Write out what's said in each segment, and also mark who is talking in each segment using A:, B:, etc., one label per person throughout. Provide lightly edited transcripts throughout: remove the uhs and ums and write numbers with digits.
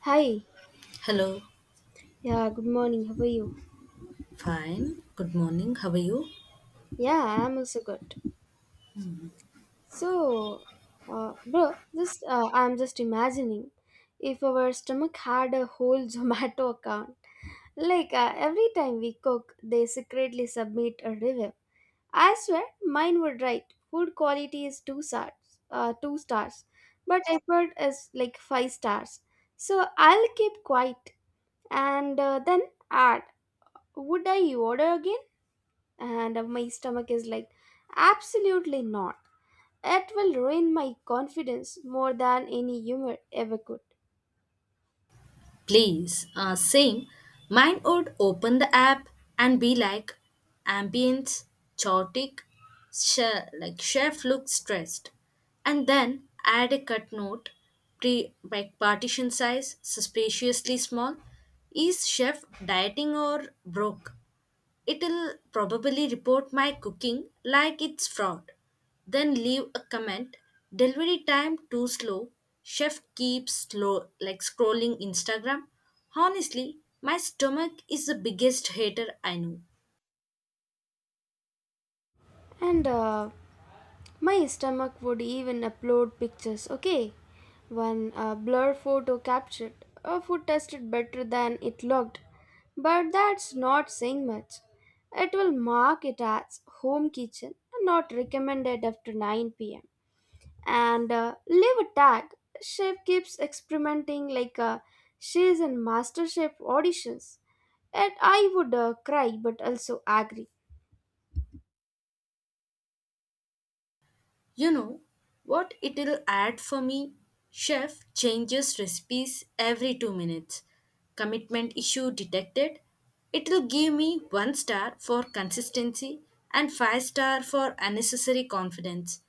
A: Hi.
B: Hello,
A: Yeah, good morning. How are you?
B: fine. Good morning. How are you?
A: Yeah, I'm also good. So, bro, just I'm just imagining if our stomach had a whole Zomato account. Every time we cook, they secretly submit a review. I swear, mine would write food quality is two stars, uh, two stars, but effort is like five stars. So I'll keep quiet and then add. Would I order again? And my stomach is like absolutely not. It will ruin my confidence more than any humor ever could.
B: Please, same. Mine would open the app and be like ambience, chaotic, chef, like chef looks stressed, and then add a cut note, pre like partition size, suspiciously small. Is chef dieting or broke? It'll probably report my cooking like it's fraud. Then leave a comment. Delivery time too slow. Chef keeps slow like scrolling Instagram. Honestly, my stomach is the biggest hater I know.
A: And my stomach would even upload pictures. Okay, one blur photo captured a food tasted better than it looked, but that's not saying much. It will mark it as home kitchen, not recommended after 9 p.m., and leave a tag. Chef keeps experimenting she is in master chef auditions. Yet I would cry but also agree.
B: You know what it'll add for me? Chef changes recipes every 2 minutes. Commitment issue detected. It'll give me one star for consistency and five star for unnecessary confidence.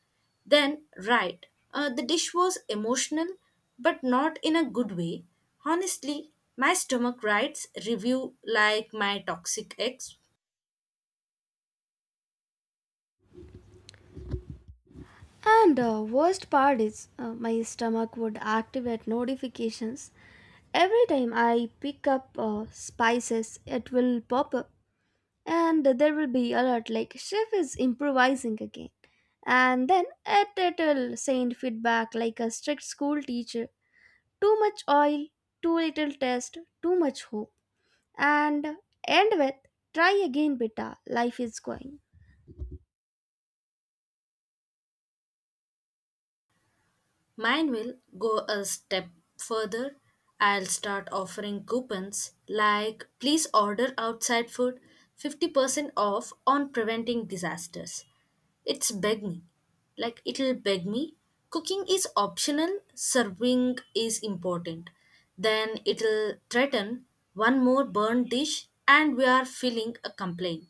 B: Then, right, the dish was emotional but not in a good way. Honestly, my stomach writes review like my toxic ex.
A: And worst part is, my stomach would activate notifications. Every time I pick up spices, it will pop up and there will be alert like chef is improvising again. And then it will send feedback like a strict school teacher. Too much oil, too little taste, too much hope. And end with try again, beta, life is going.
B: Mine will go a step further. I'll start offering coupons like please order outside food, 50% off on preventing disasters. It's beg me. Like it'll beg me. Cooking is optional, serving is important. Then it'll threaten one more burnt dish and we are filling a complaint.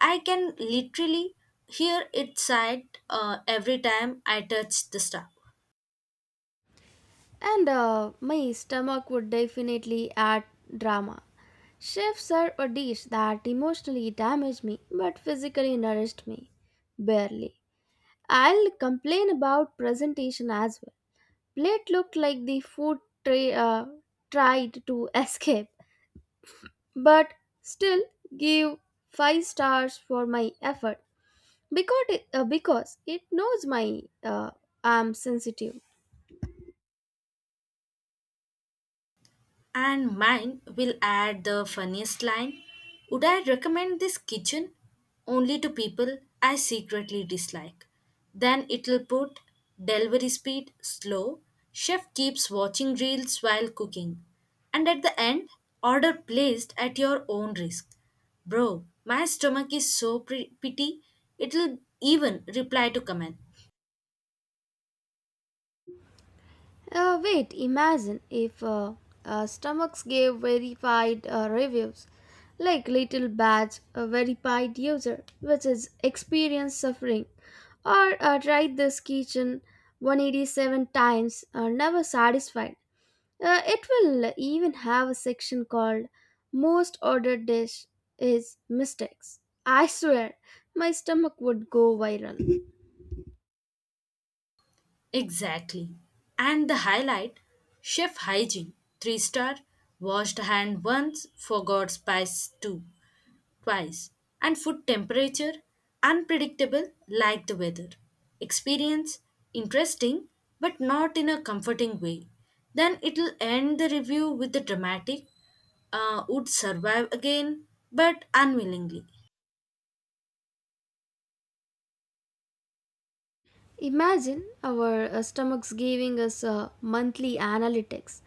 B: I can literally hear it sigh every time I touch the stuff.
A: And my stomach would definitely add drama. Chefs serve a dish that emotionally damaged me but physically nourished me. Barely. I'll complain about presentation as well. Plate looked like the food tray tried to escape, but still give 5 stars for my effort, because it knows my I'm sensitive.
B: And mine will add the funniest line. Would I recommend this kitchen only to people I secretly dislike? Then it'll put delivery speed slow, chef keeps watching reels while cooking, and at the end, order placed at your own risk. Bro, my stomach is so pity, it'll even reply to comment.
A: Wait, imagine if stomachs gave verified reviews, like little badge, a verified user, which is experienced suffering, or tried this kitchen 187 times, never satisfied. It will even have a section called most ordered dish is mistakes. I swear, my stomach would go viral.
B: Exactly. And the highlight, chef hygiene 3-star, washed hand once, forgot spice two, twice. And food temperature unpredictable like the weather. Experience interesting but not in a comforting way. Then it'll end the review with the dramatic would survive again but unwillingly.
A: Imagine our stomachs giving us monthly analytics,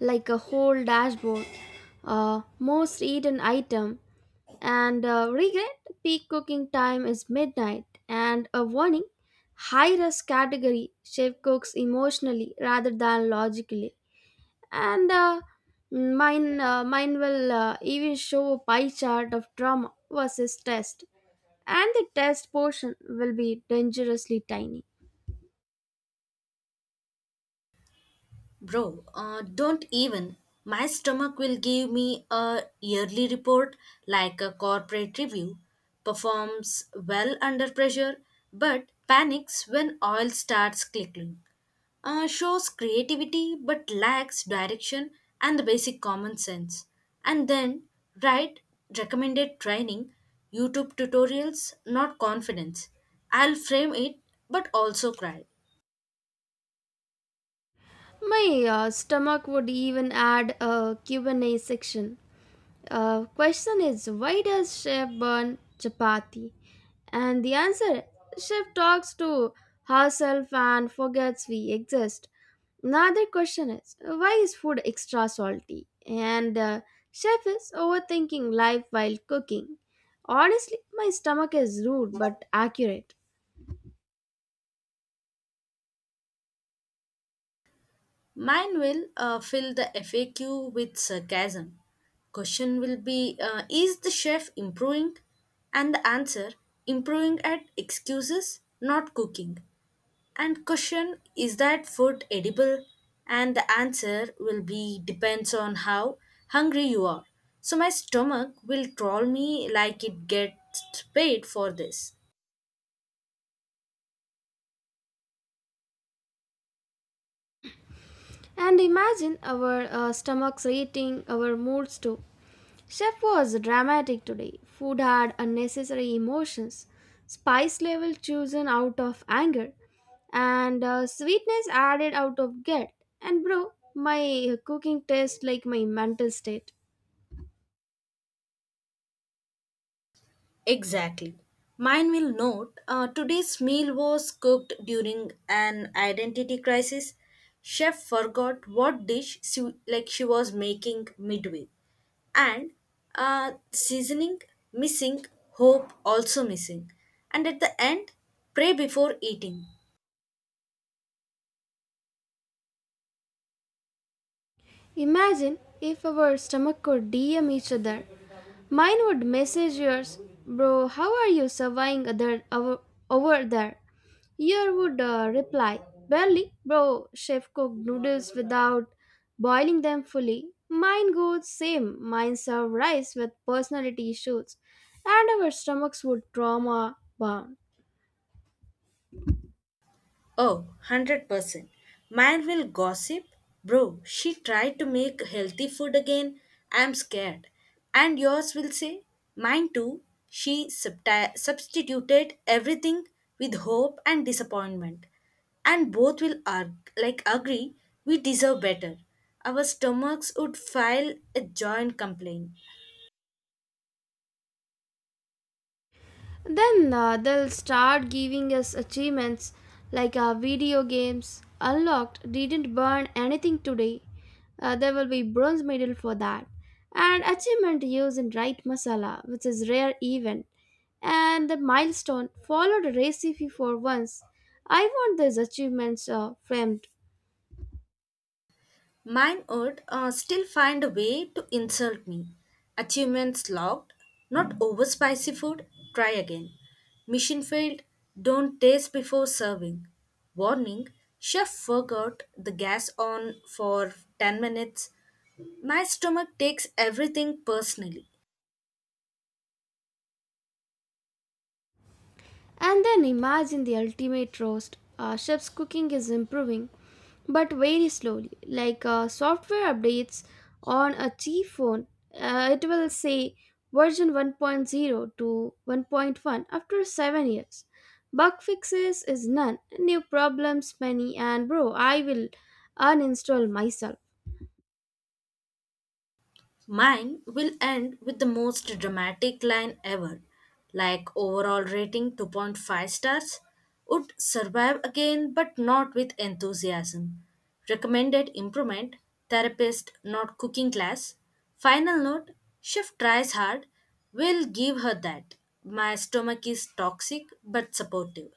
A: like a whole dashboard, most eaten item, and regret peak cooking time is midnight, and a warning high risk category chef cooks emotionally rather than logically. And uh, mine will even show a pie chart of trauma versus test, and the test portion will be dangerously tiny.
B: Bro, don't even. My stomach will give me a yearly report like a corporate review. Performs well under pressure, but panics when oil starts clicking. Shows creativity but lacks direction and the basic common sense. And then write recommended training, YouTube tutorials, not confidence. I'll frame it but also cry.
A: My stomach would even add a Q&A section. Question is, why does chef burn chapati? And the answer, chef talks to herself and forgets we exist. Another question is, why is food extra salty? And chef is overthinking life while cooking. Honestly, my stomach is rude but accurate.
B: Mine will fill the FAQ with sarcasm. Question will be, is the chef improving? And the answer, improving at excuses, not cooking. And question, is that food edible? And the answer will be, depends on how hungry you are. So my stomach will troll me like it gets paid for this.
A: And imagine our stomachs rating our moods too. Chef was dramatic today. Food had unnecessary emotions, spice level chosen out of anger, and sweetness added out of guilt. And bro, my cooking tastes like my mental state.
B: Exactly. Mine will note, today's meal was cooked during an identity crisis. Chef forgot what dish she was making midway, and seasoning missing, hope also missing, and at the end, pray before eating.
A: Imagine if our stomach could DM each other. Mine would message yours, bro, how are you surviving over there? Your would reply, barely, bro, chef cooked noodles without boiling them fully. Mine goes same, mine serve rice with personality issues, and our stomachs would trauma bound.
B: Oh, 100%. Mine will gossip. Bro, she tried to make healthy food again. I'm scared. And yours will say, mine too. She substituted everything with hope and disappointment. And both will agree we deserve better. Our stomachs would file a joint complaint.
A: Then they'll start giving us achievements like video games unlocked, didn't burn anything today. There will be bronze medal for that. And achievement used in right masala, which is rare event. And the milestone followed recipe for once. I want these achievements framed.
B: Mine would still find a way to insult me. Achievements logged, not over spicy food, try again. Mission failed, don't taste before serving. Warning, chef forgot the gas on for 10 minutes. My stomach takes everything personally.
A: And then imagine the ultimate roast. Our chef's cooking is improving, but very slowly. Like software updates on a cheap phone, it will say version one point zero to 1.1 after 7 years. Bug fixes is none, new problems many, and bro, I will uninstall myself.
B: Mine will end with the most dramatic line ever, like overall rating 2.5 stars. Would survive again, but not with enthusiasm. Recommended improvement, therapist, not cooking class. Final note, chef tries hard. Will give her that. My stomach is toxic but supportive.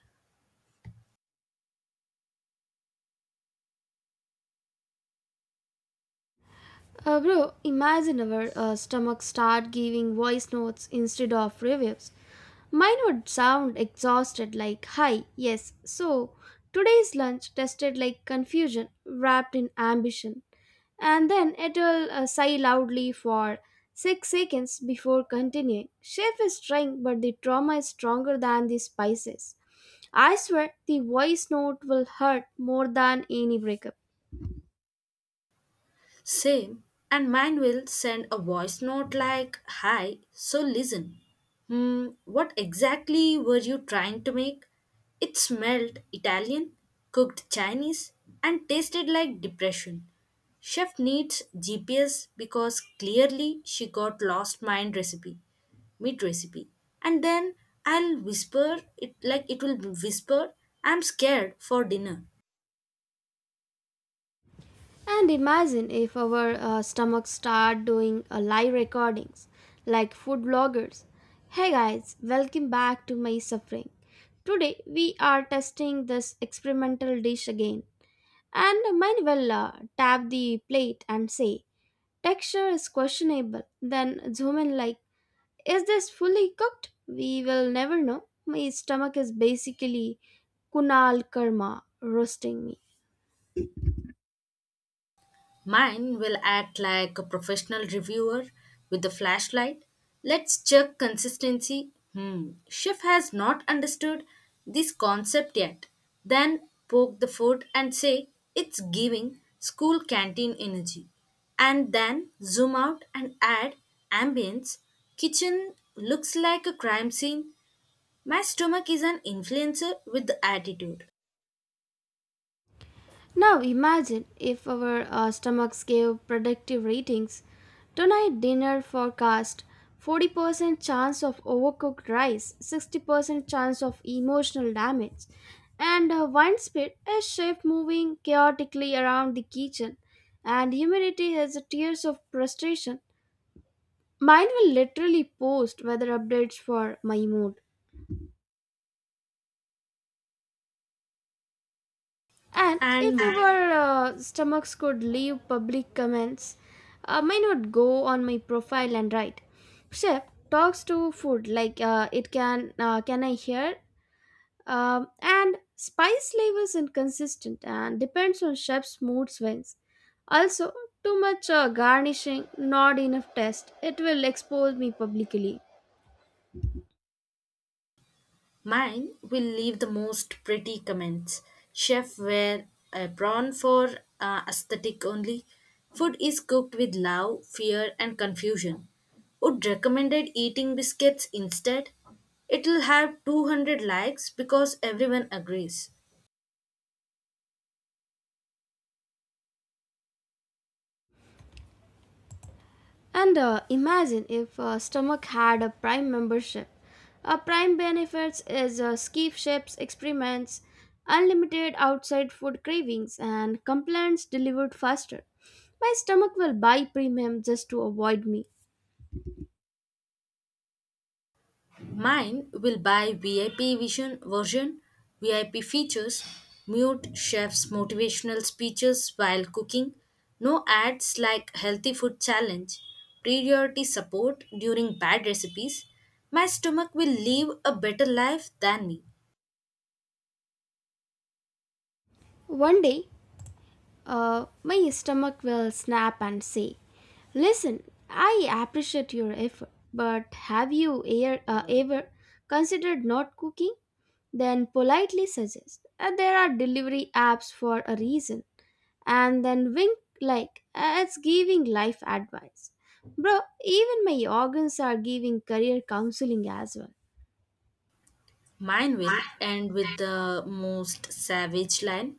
A: Bro, imagine our stomach start giving voice notes instead of reviews. Mine would sound exhausted like, Hi, yes, so today's lunch tasted like confusion wrapped in ambition. And then it'll sigh loudly for 6 seconds before continuing. Chef is trying, but the trauma is stronger than the spices. I swear the voice note will hurt more than any breakup.
B: Same. And mine will send a voice note like, hi, so listen. Hmm, what exactly were you trying to make? It smelled Italian, cooked Chinese, and tasted like depression. Chef needs GPS because clearly she got lost mind recipe, meat recipe. And then I'll whisper it, like it will whisper, I'm scared for dinner.
A: And imagine if our stomachs start doing live recordings like food bloggers. Hey guys, welcome back to my suffering. Today we are testing this experimental dish again. And mine will tap the plate and say, Texture is questionable. Then zoom in like, Is this fully cooked? We will never know. My stomach is basically Kunal Karma roasting me.
B: Mine will act like a professional reviewer with a flashlight. Let's check consistency. Hmm, chef has not understood this concept yet. Then poke the food and say it's giving school canteen energy. And then zoom out and add ambience. Kitchen looks like a crime scene. My stomach is an influencer with the attitude.
A: Now imagine if our stomachs gave predictive ratings. Tonight dinner forecast 40% chance of overcooked rice, 60% chance of emotional damage, and wine spit a chef moving chaotically around the kitchen, and humidity has tears of frustration. Mine will literally post weather updates for my mood. And if
B: And
A: our stomachs could leave public comments, I might not go on my profile and write. Chef talks to food like it can. Can I hear? And spice level is inconsistent and depends on chef's mood swings. Also, too much garnishing, not enough taste. It will expose me publicly.
B: mine will leave the most pretty comments. Chef wear a prawn for aesthetic only. Food is cooked with love, fear, and confusion. Would recommended eating biscuits instead? It'll have 200 likes because everyone agrees.
A: And imagine if Stomach had a Prime membership. Prime benefits is ski ships, experiments, unlimited outside food cravings, and complaints delivered faster. My stomach will buy premium just to avoid me.
B: Mine will buy VIP vision version, VIP features, mute chef's motivational speeches while cooking, no ads like healthy food challenge, priority support during bad recipes. My stomach will live a better life than me.
A: One day, my stomach will snap and say, Listen, I appreciate your effort, but have you ever considered not cooking? Then politely suggest, There are delivery apps for a reason, and then wink like it's giving life advice. Bro, even my organs are giving career counseling as well.
B: Mine will end with the most savage line.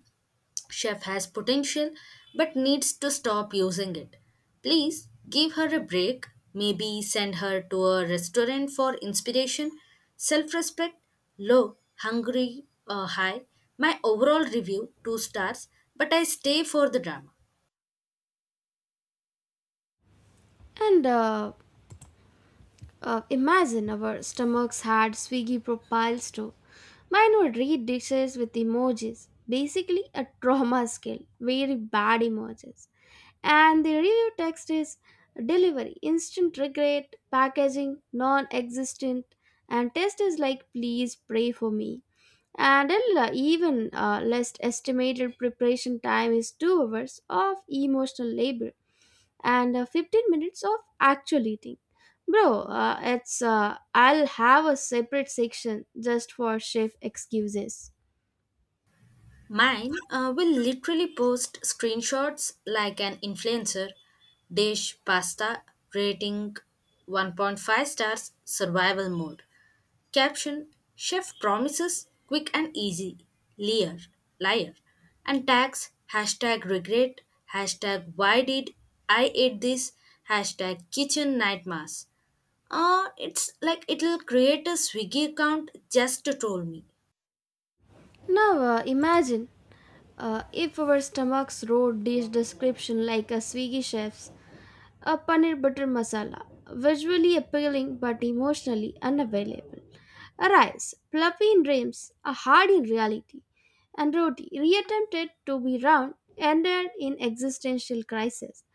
B: Chef has potential but needs to stop using it. Please give her a break. Maybe send her to a restaurant for inspiration, self respect, low, hungry, high. My overall review, 2 stars, but I stay for the drama.
A: And imagine our stomachs had Swiggy profiles too. Mine would read dishes with emojis, basically a trauma skill, very bad emojis. And the review text is delivery, instant regret, packaging, non existent, and test is like please pray for me. And even less estimated preparation time is 2 hours of emotional labor and 15 minutes of actual eating. Bro, it's I'll have a separate section just for chef excuses.
B: Mine will literally post screenshots like an influencer, dish pasta, rating 1.5 stars, survival mode. Caption, chef promises quick and easy, liar, liar. And tags hashtag regret, hashtag why did I eat this, hashtag kitchen nightmares. It's like it'll create a Swiggy account just to troll me.
A: Now imagine if our stomachs wrote dish description like a Swiggy chef's, a paneer butter masala, visually appealing but emotionally unavailable. Arise, fluffy in dreams, a hard in reality. And Roti reattempted to be round, ended in existential crisis.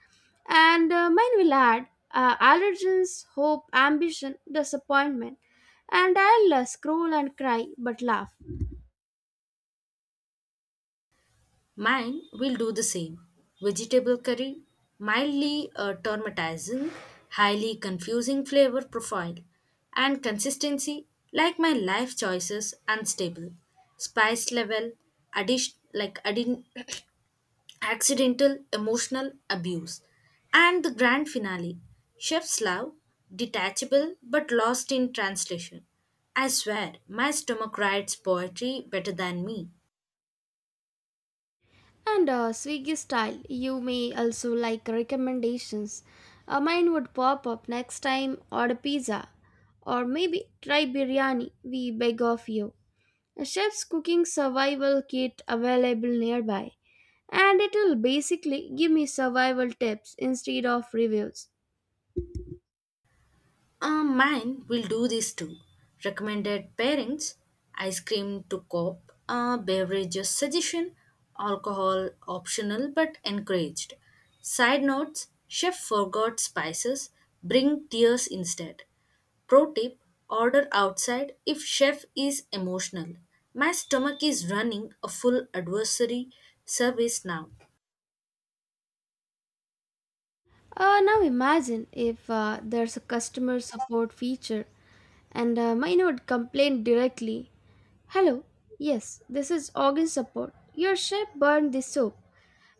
A: And mine will add allergens, hope, ambition, disappointment. And I'll scroll and cry but laugh.
B: Mine will do the same. Vegetable curry, mildly traumatizing, highly confusing flavor profile, and consistency like my life choices unstable. Spice level, addition like adding accidental emotional abuse, and the grand finale, chef's love, detachable but lost in translation. I swear, my stomach writes poetry better than me.
A: And Swiggy style, you may also like recommendations. Mine would pop up next time order pizza or maybe try biryani. We beg of you. A chef's cooking survival kit available nearby, and it'll basically give me survival tips instead of reviews.
B: Mine will do this too. Recommended pairings, ice cream to cop, beverages suggestion, alcohol optional but encouraged. Side notes, chef forgot spices, bring tears instead. Pro tip, order outside if chef is emotional. My stomach is running a full adversary service now.
A: Now imagine if there's a customer support feature and mine would complain directly. Hello, yes, this is organ support. Your chef burned the soup.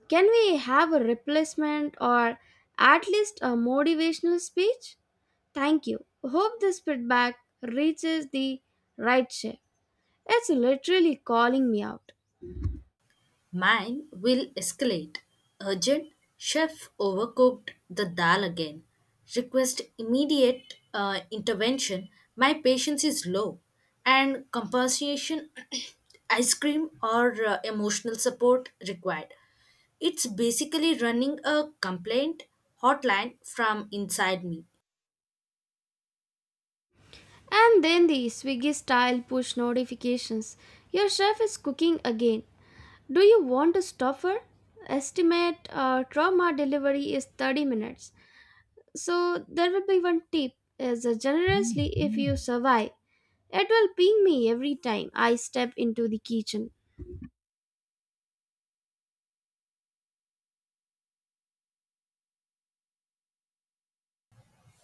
A: Can we have a replacement or at least a motivational speech? Thank you. Hope this feedback reaches the right chef. It's literally calling me out.
B: Mine will escalate. Urgent, chef overcooked the dal again. Request immediate intervention. My patience is low. And compensation, ice cream, or emotional support required. It's basically running a complaint hotline from inside me.
A: And then the Swiggy style push notifications. Your chef is cooking again. Do you want to stop her? Estimate trauma delivery is 30 minutes. So there will be one tip is generously if you survive. It will ping me every time I step into the kitchen.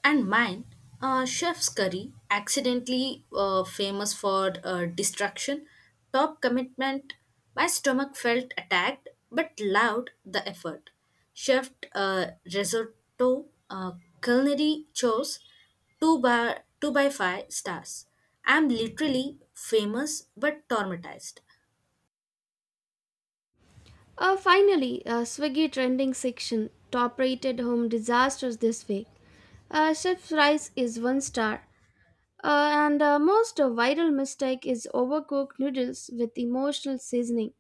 B: And mine, Chef's Curry, accidentally famous for destruction, top commitment. My stomach felt attacked, but loved the effort. Chef risotto, culinary chose two by two by five stars. I'm literally famous but traumatized.
A: Finally, Swiggy trending section top rated home disasters this week. Chef's Rice is one star. And the most viral mistake is overcooked noodles with emotional seasoning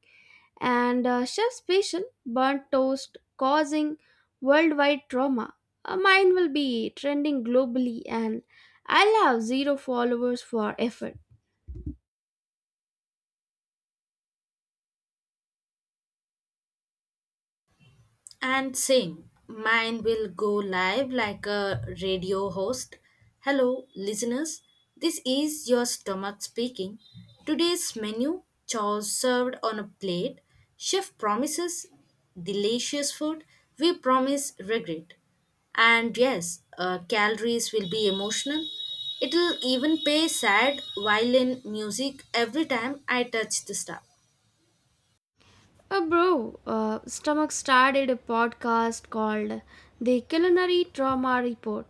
A: and chef's passion burnt toast causing worldwide trauma. Mine will be trending globally and I'll have zero followers for effort.
B: And sing, mine will go live like a radio host. Hello, listeners. This is your stomach speaking. Today's menu chores served on a plate. Chef promises delicious food. We promise regret. And yes, calories will be emotional. It'll even play sad violin music every time I touch the stuff.
A: Bro, Stomach started a podcast called The Culinary Trauma Report.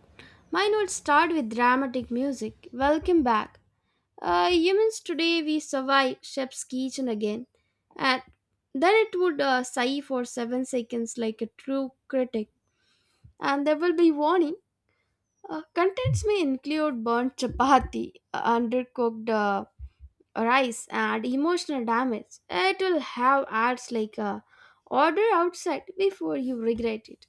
A: Mine will start with dramatic music. Welcome back. Humans today we survive chef's kitchen again, and then it would sigh for 7 seconds like a true critic, and there will be warning. Contents may include burnt chapati, undercooked rice, and emotional damage. It will have ads like "Order outside before you regret it,"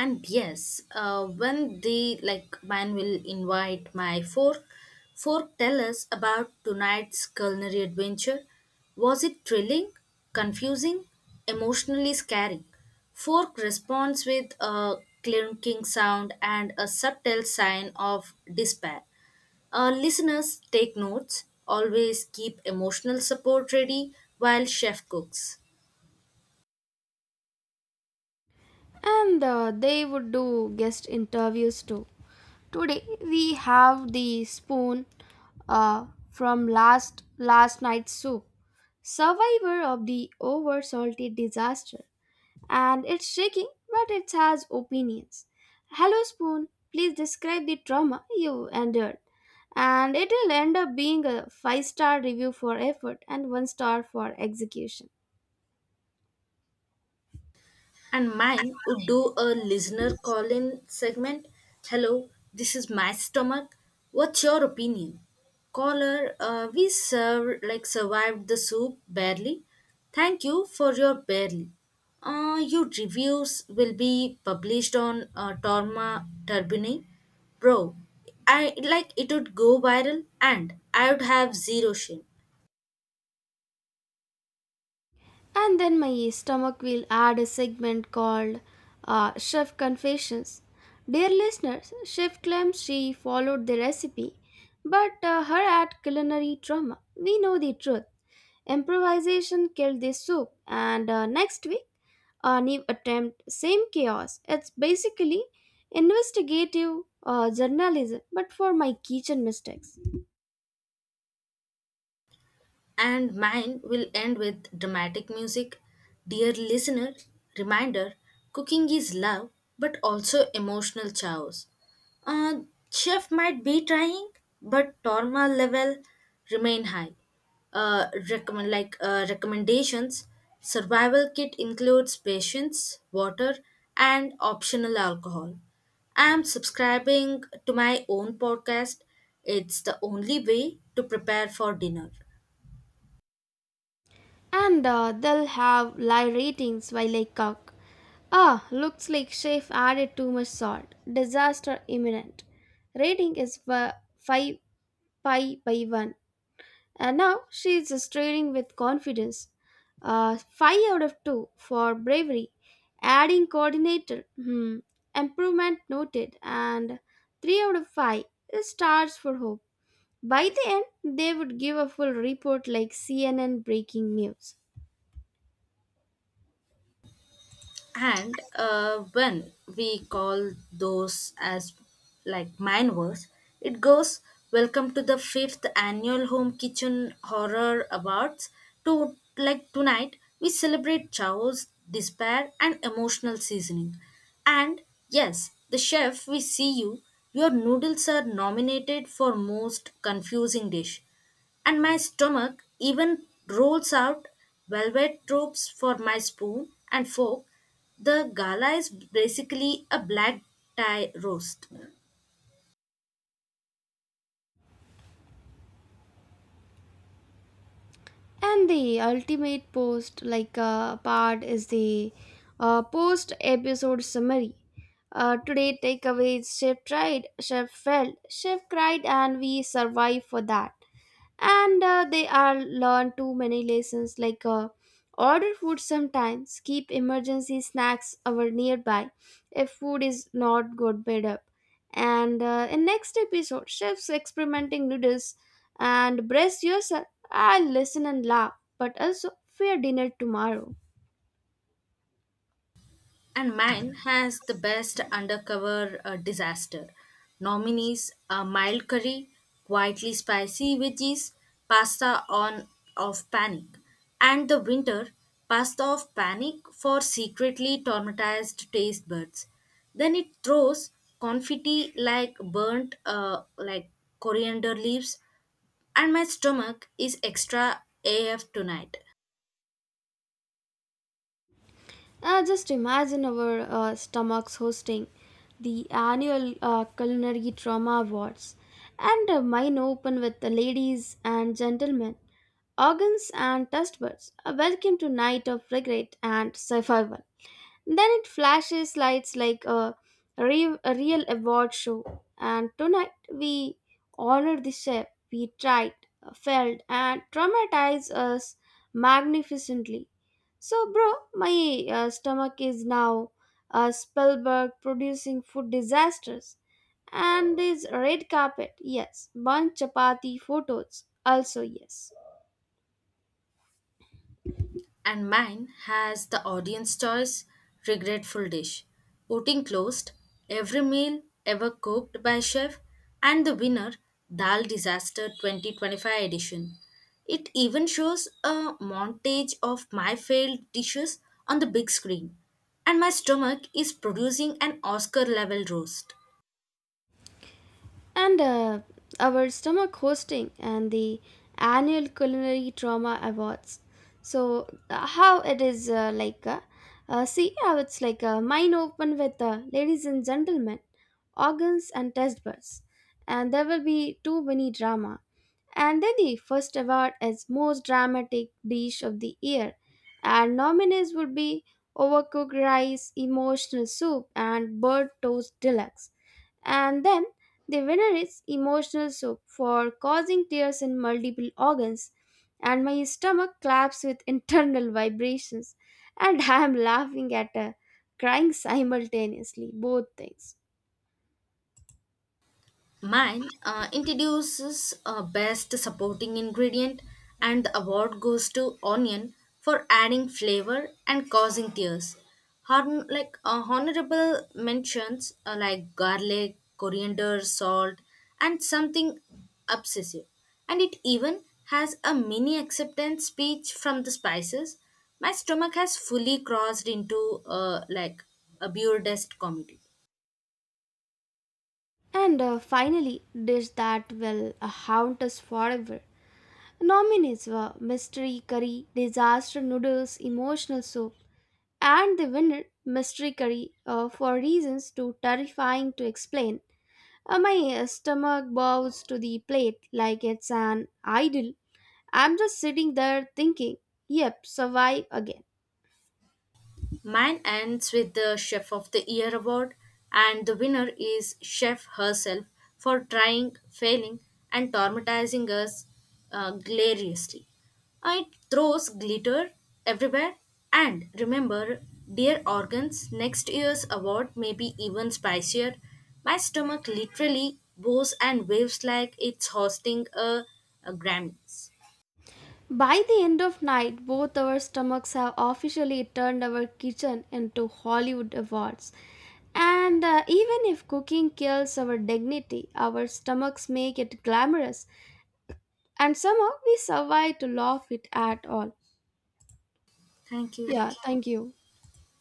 B: And yes, when the like man will invite my fork, tell us about tonight's culinary adventure. Was it thrilling, confusing, emotionally scary? Fork responds with a clinking sound and a subtle sign of despair. Listeners, take notes, always keep emotional support ready while chef cooks.
A: and they would do guest interviews too. Today we have the spoon from last night's soup, survivor of the over salted disaster, and it's shaking, but it has opinions. Hello, spoon. Please describe the trauma you endured, and it'll end up being a five-star review for effort and one star for execution.
B: And mine would do a listener call in segment. Hello, this is my stomach. What's your opinion? Caller, we serve, like survived the soup barely. Thank you for your barely. Your reviews will be published on Torma Turbine. Bro, I like it would go viral and I would have zero shame.
A: And then my stomach will add a segment called Chef Confessions. Dear listeners, Chef claims she followed the recipe, but her ad culinary trauma. We know the truth. Improvisation killed the soup, and next week, a new attempt, same chaos. It's basically investigative journalism, but for my kitchen mistakes.
B: And mine will end with dramatic music. Dear listener, reminder, cooking is love but also emotional chaos. Uh, Chef might be trying, but trauma level remain high. Recommend recommendations. Survival kit includes patience, water, and optional alcohol. I am subscribing to my own podcast. It's the only way to prepare for dinner.
A: And they'll have live ratings while I cook. Ah, looks like chef added too much salt. Disaster imminent. Rating is 5 pi by 1. And now she is straining with confidence. 5 out of 2 for bravery. Adding coordinator. Hmm. Improvement noted. And 3 out of 5 is stars for hope. By the end, they would give a full report like CNN breaking news.
B: And when we call those as like mine was, it goes welcome to the fifth annual home kitchen horror awards. To like tonight, we celebrate chaos, despair, and emotional seasoning. And yes, the chef, we see you. Your noodles are nominated for most confusing dish and my stomach even rolls out velvet ropes for my spoon and fork. The gala is basically a black tie roast.
A: And the ultimate post, like part, is the post episode summary. Today, takeaways Chef tried, Chef failed, Chef cried, and we survived for that and they are learn too many lessons like order food sometimes keep emergency snacks over nearby if food is not good made up and in next episode chefs experimenting noodles and brace yourself, I'll listen and laugh but also fear dinner tomorrow.
B: And mine has the best undercover disaster. Nominees, a mild curry, quietly spicy veggies, pasta on of panic, and the winter pasta of panic for secretly traumatized taste buds. Then it throws confetti like burnt like coriander leaves, and my stomach is extra AF tonight.
A: Just imagine our stomachs hosting the annual Culinary Trauma Awards and mine open with the ladies and gentlemen, organs and test buds. Welcome to Night of Regret and Survival. Then it flashes lights like a real award show. And tonight we honor the chef we tried, failed, and traumatized us magnificently. So, bro, my stomach is now Spielberg producing food disasters. And his red carpet, yes. Bun chapati photos, also yes.
B: And mine has the audience choice regretful dish. Voting closed, every meal ever cooked by chef, and the winner, Dal Disaster 2025 edition. It even shows a montage of my failed dishes on the big screen, and my stomach is producing an Oscar level roast.
A: And our stomach hosting and the annual culinary trauma awards. So how it is like, see how it's like mine open with ladies and gentlemen, organs and test buds, and there will be too many drama. And then the first award is most dramatic dish of the year, and nominees would be overcooked rice, emotional soup, and bird toast deluxe, and then the winner is emotional soup for causing tears in multiple organs, and my stomach claps with internal vibrations, and I am laughing at her crying simultaneously both things.
B: Mine introduces best supporting ingredient, and the award goes to onion for adding flavor and causing tears. Honorable mentions like garlic, coriander, salt, and something obsessive. And it even has a mini acceptance speech from the spices. My stomach has fully crossed into a pure dust comedy.
A: And finally dish that will haunt us forever. Nominees were mystery curry disaster noodles emotional soup, and the winner mystery curry for reasons too terrifying to explain. My stomach bows to the plate like it's an idol. I'm just sitting there thinking, yep, survive again.
B: Mine ends with the Chef of the Year award, and the winner is Chef herself for trying, failing, and traumatizing us gloriously. It throws glitter everywhere, and remember, dear organs, next year's award may be even spicier. My stomach literally bows and waves like it's hosting a Grammys.
A: By the end of night, both our stomachs have officially turned our kitchen into Hollywood awards. And even if cooking kills our dignity, our stomachs make it glamorous, and somehow we survive to laugh it at all.
B: Thank you.
A: Yeah, thank you.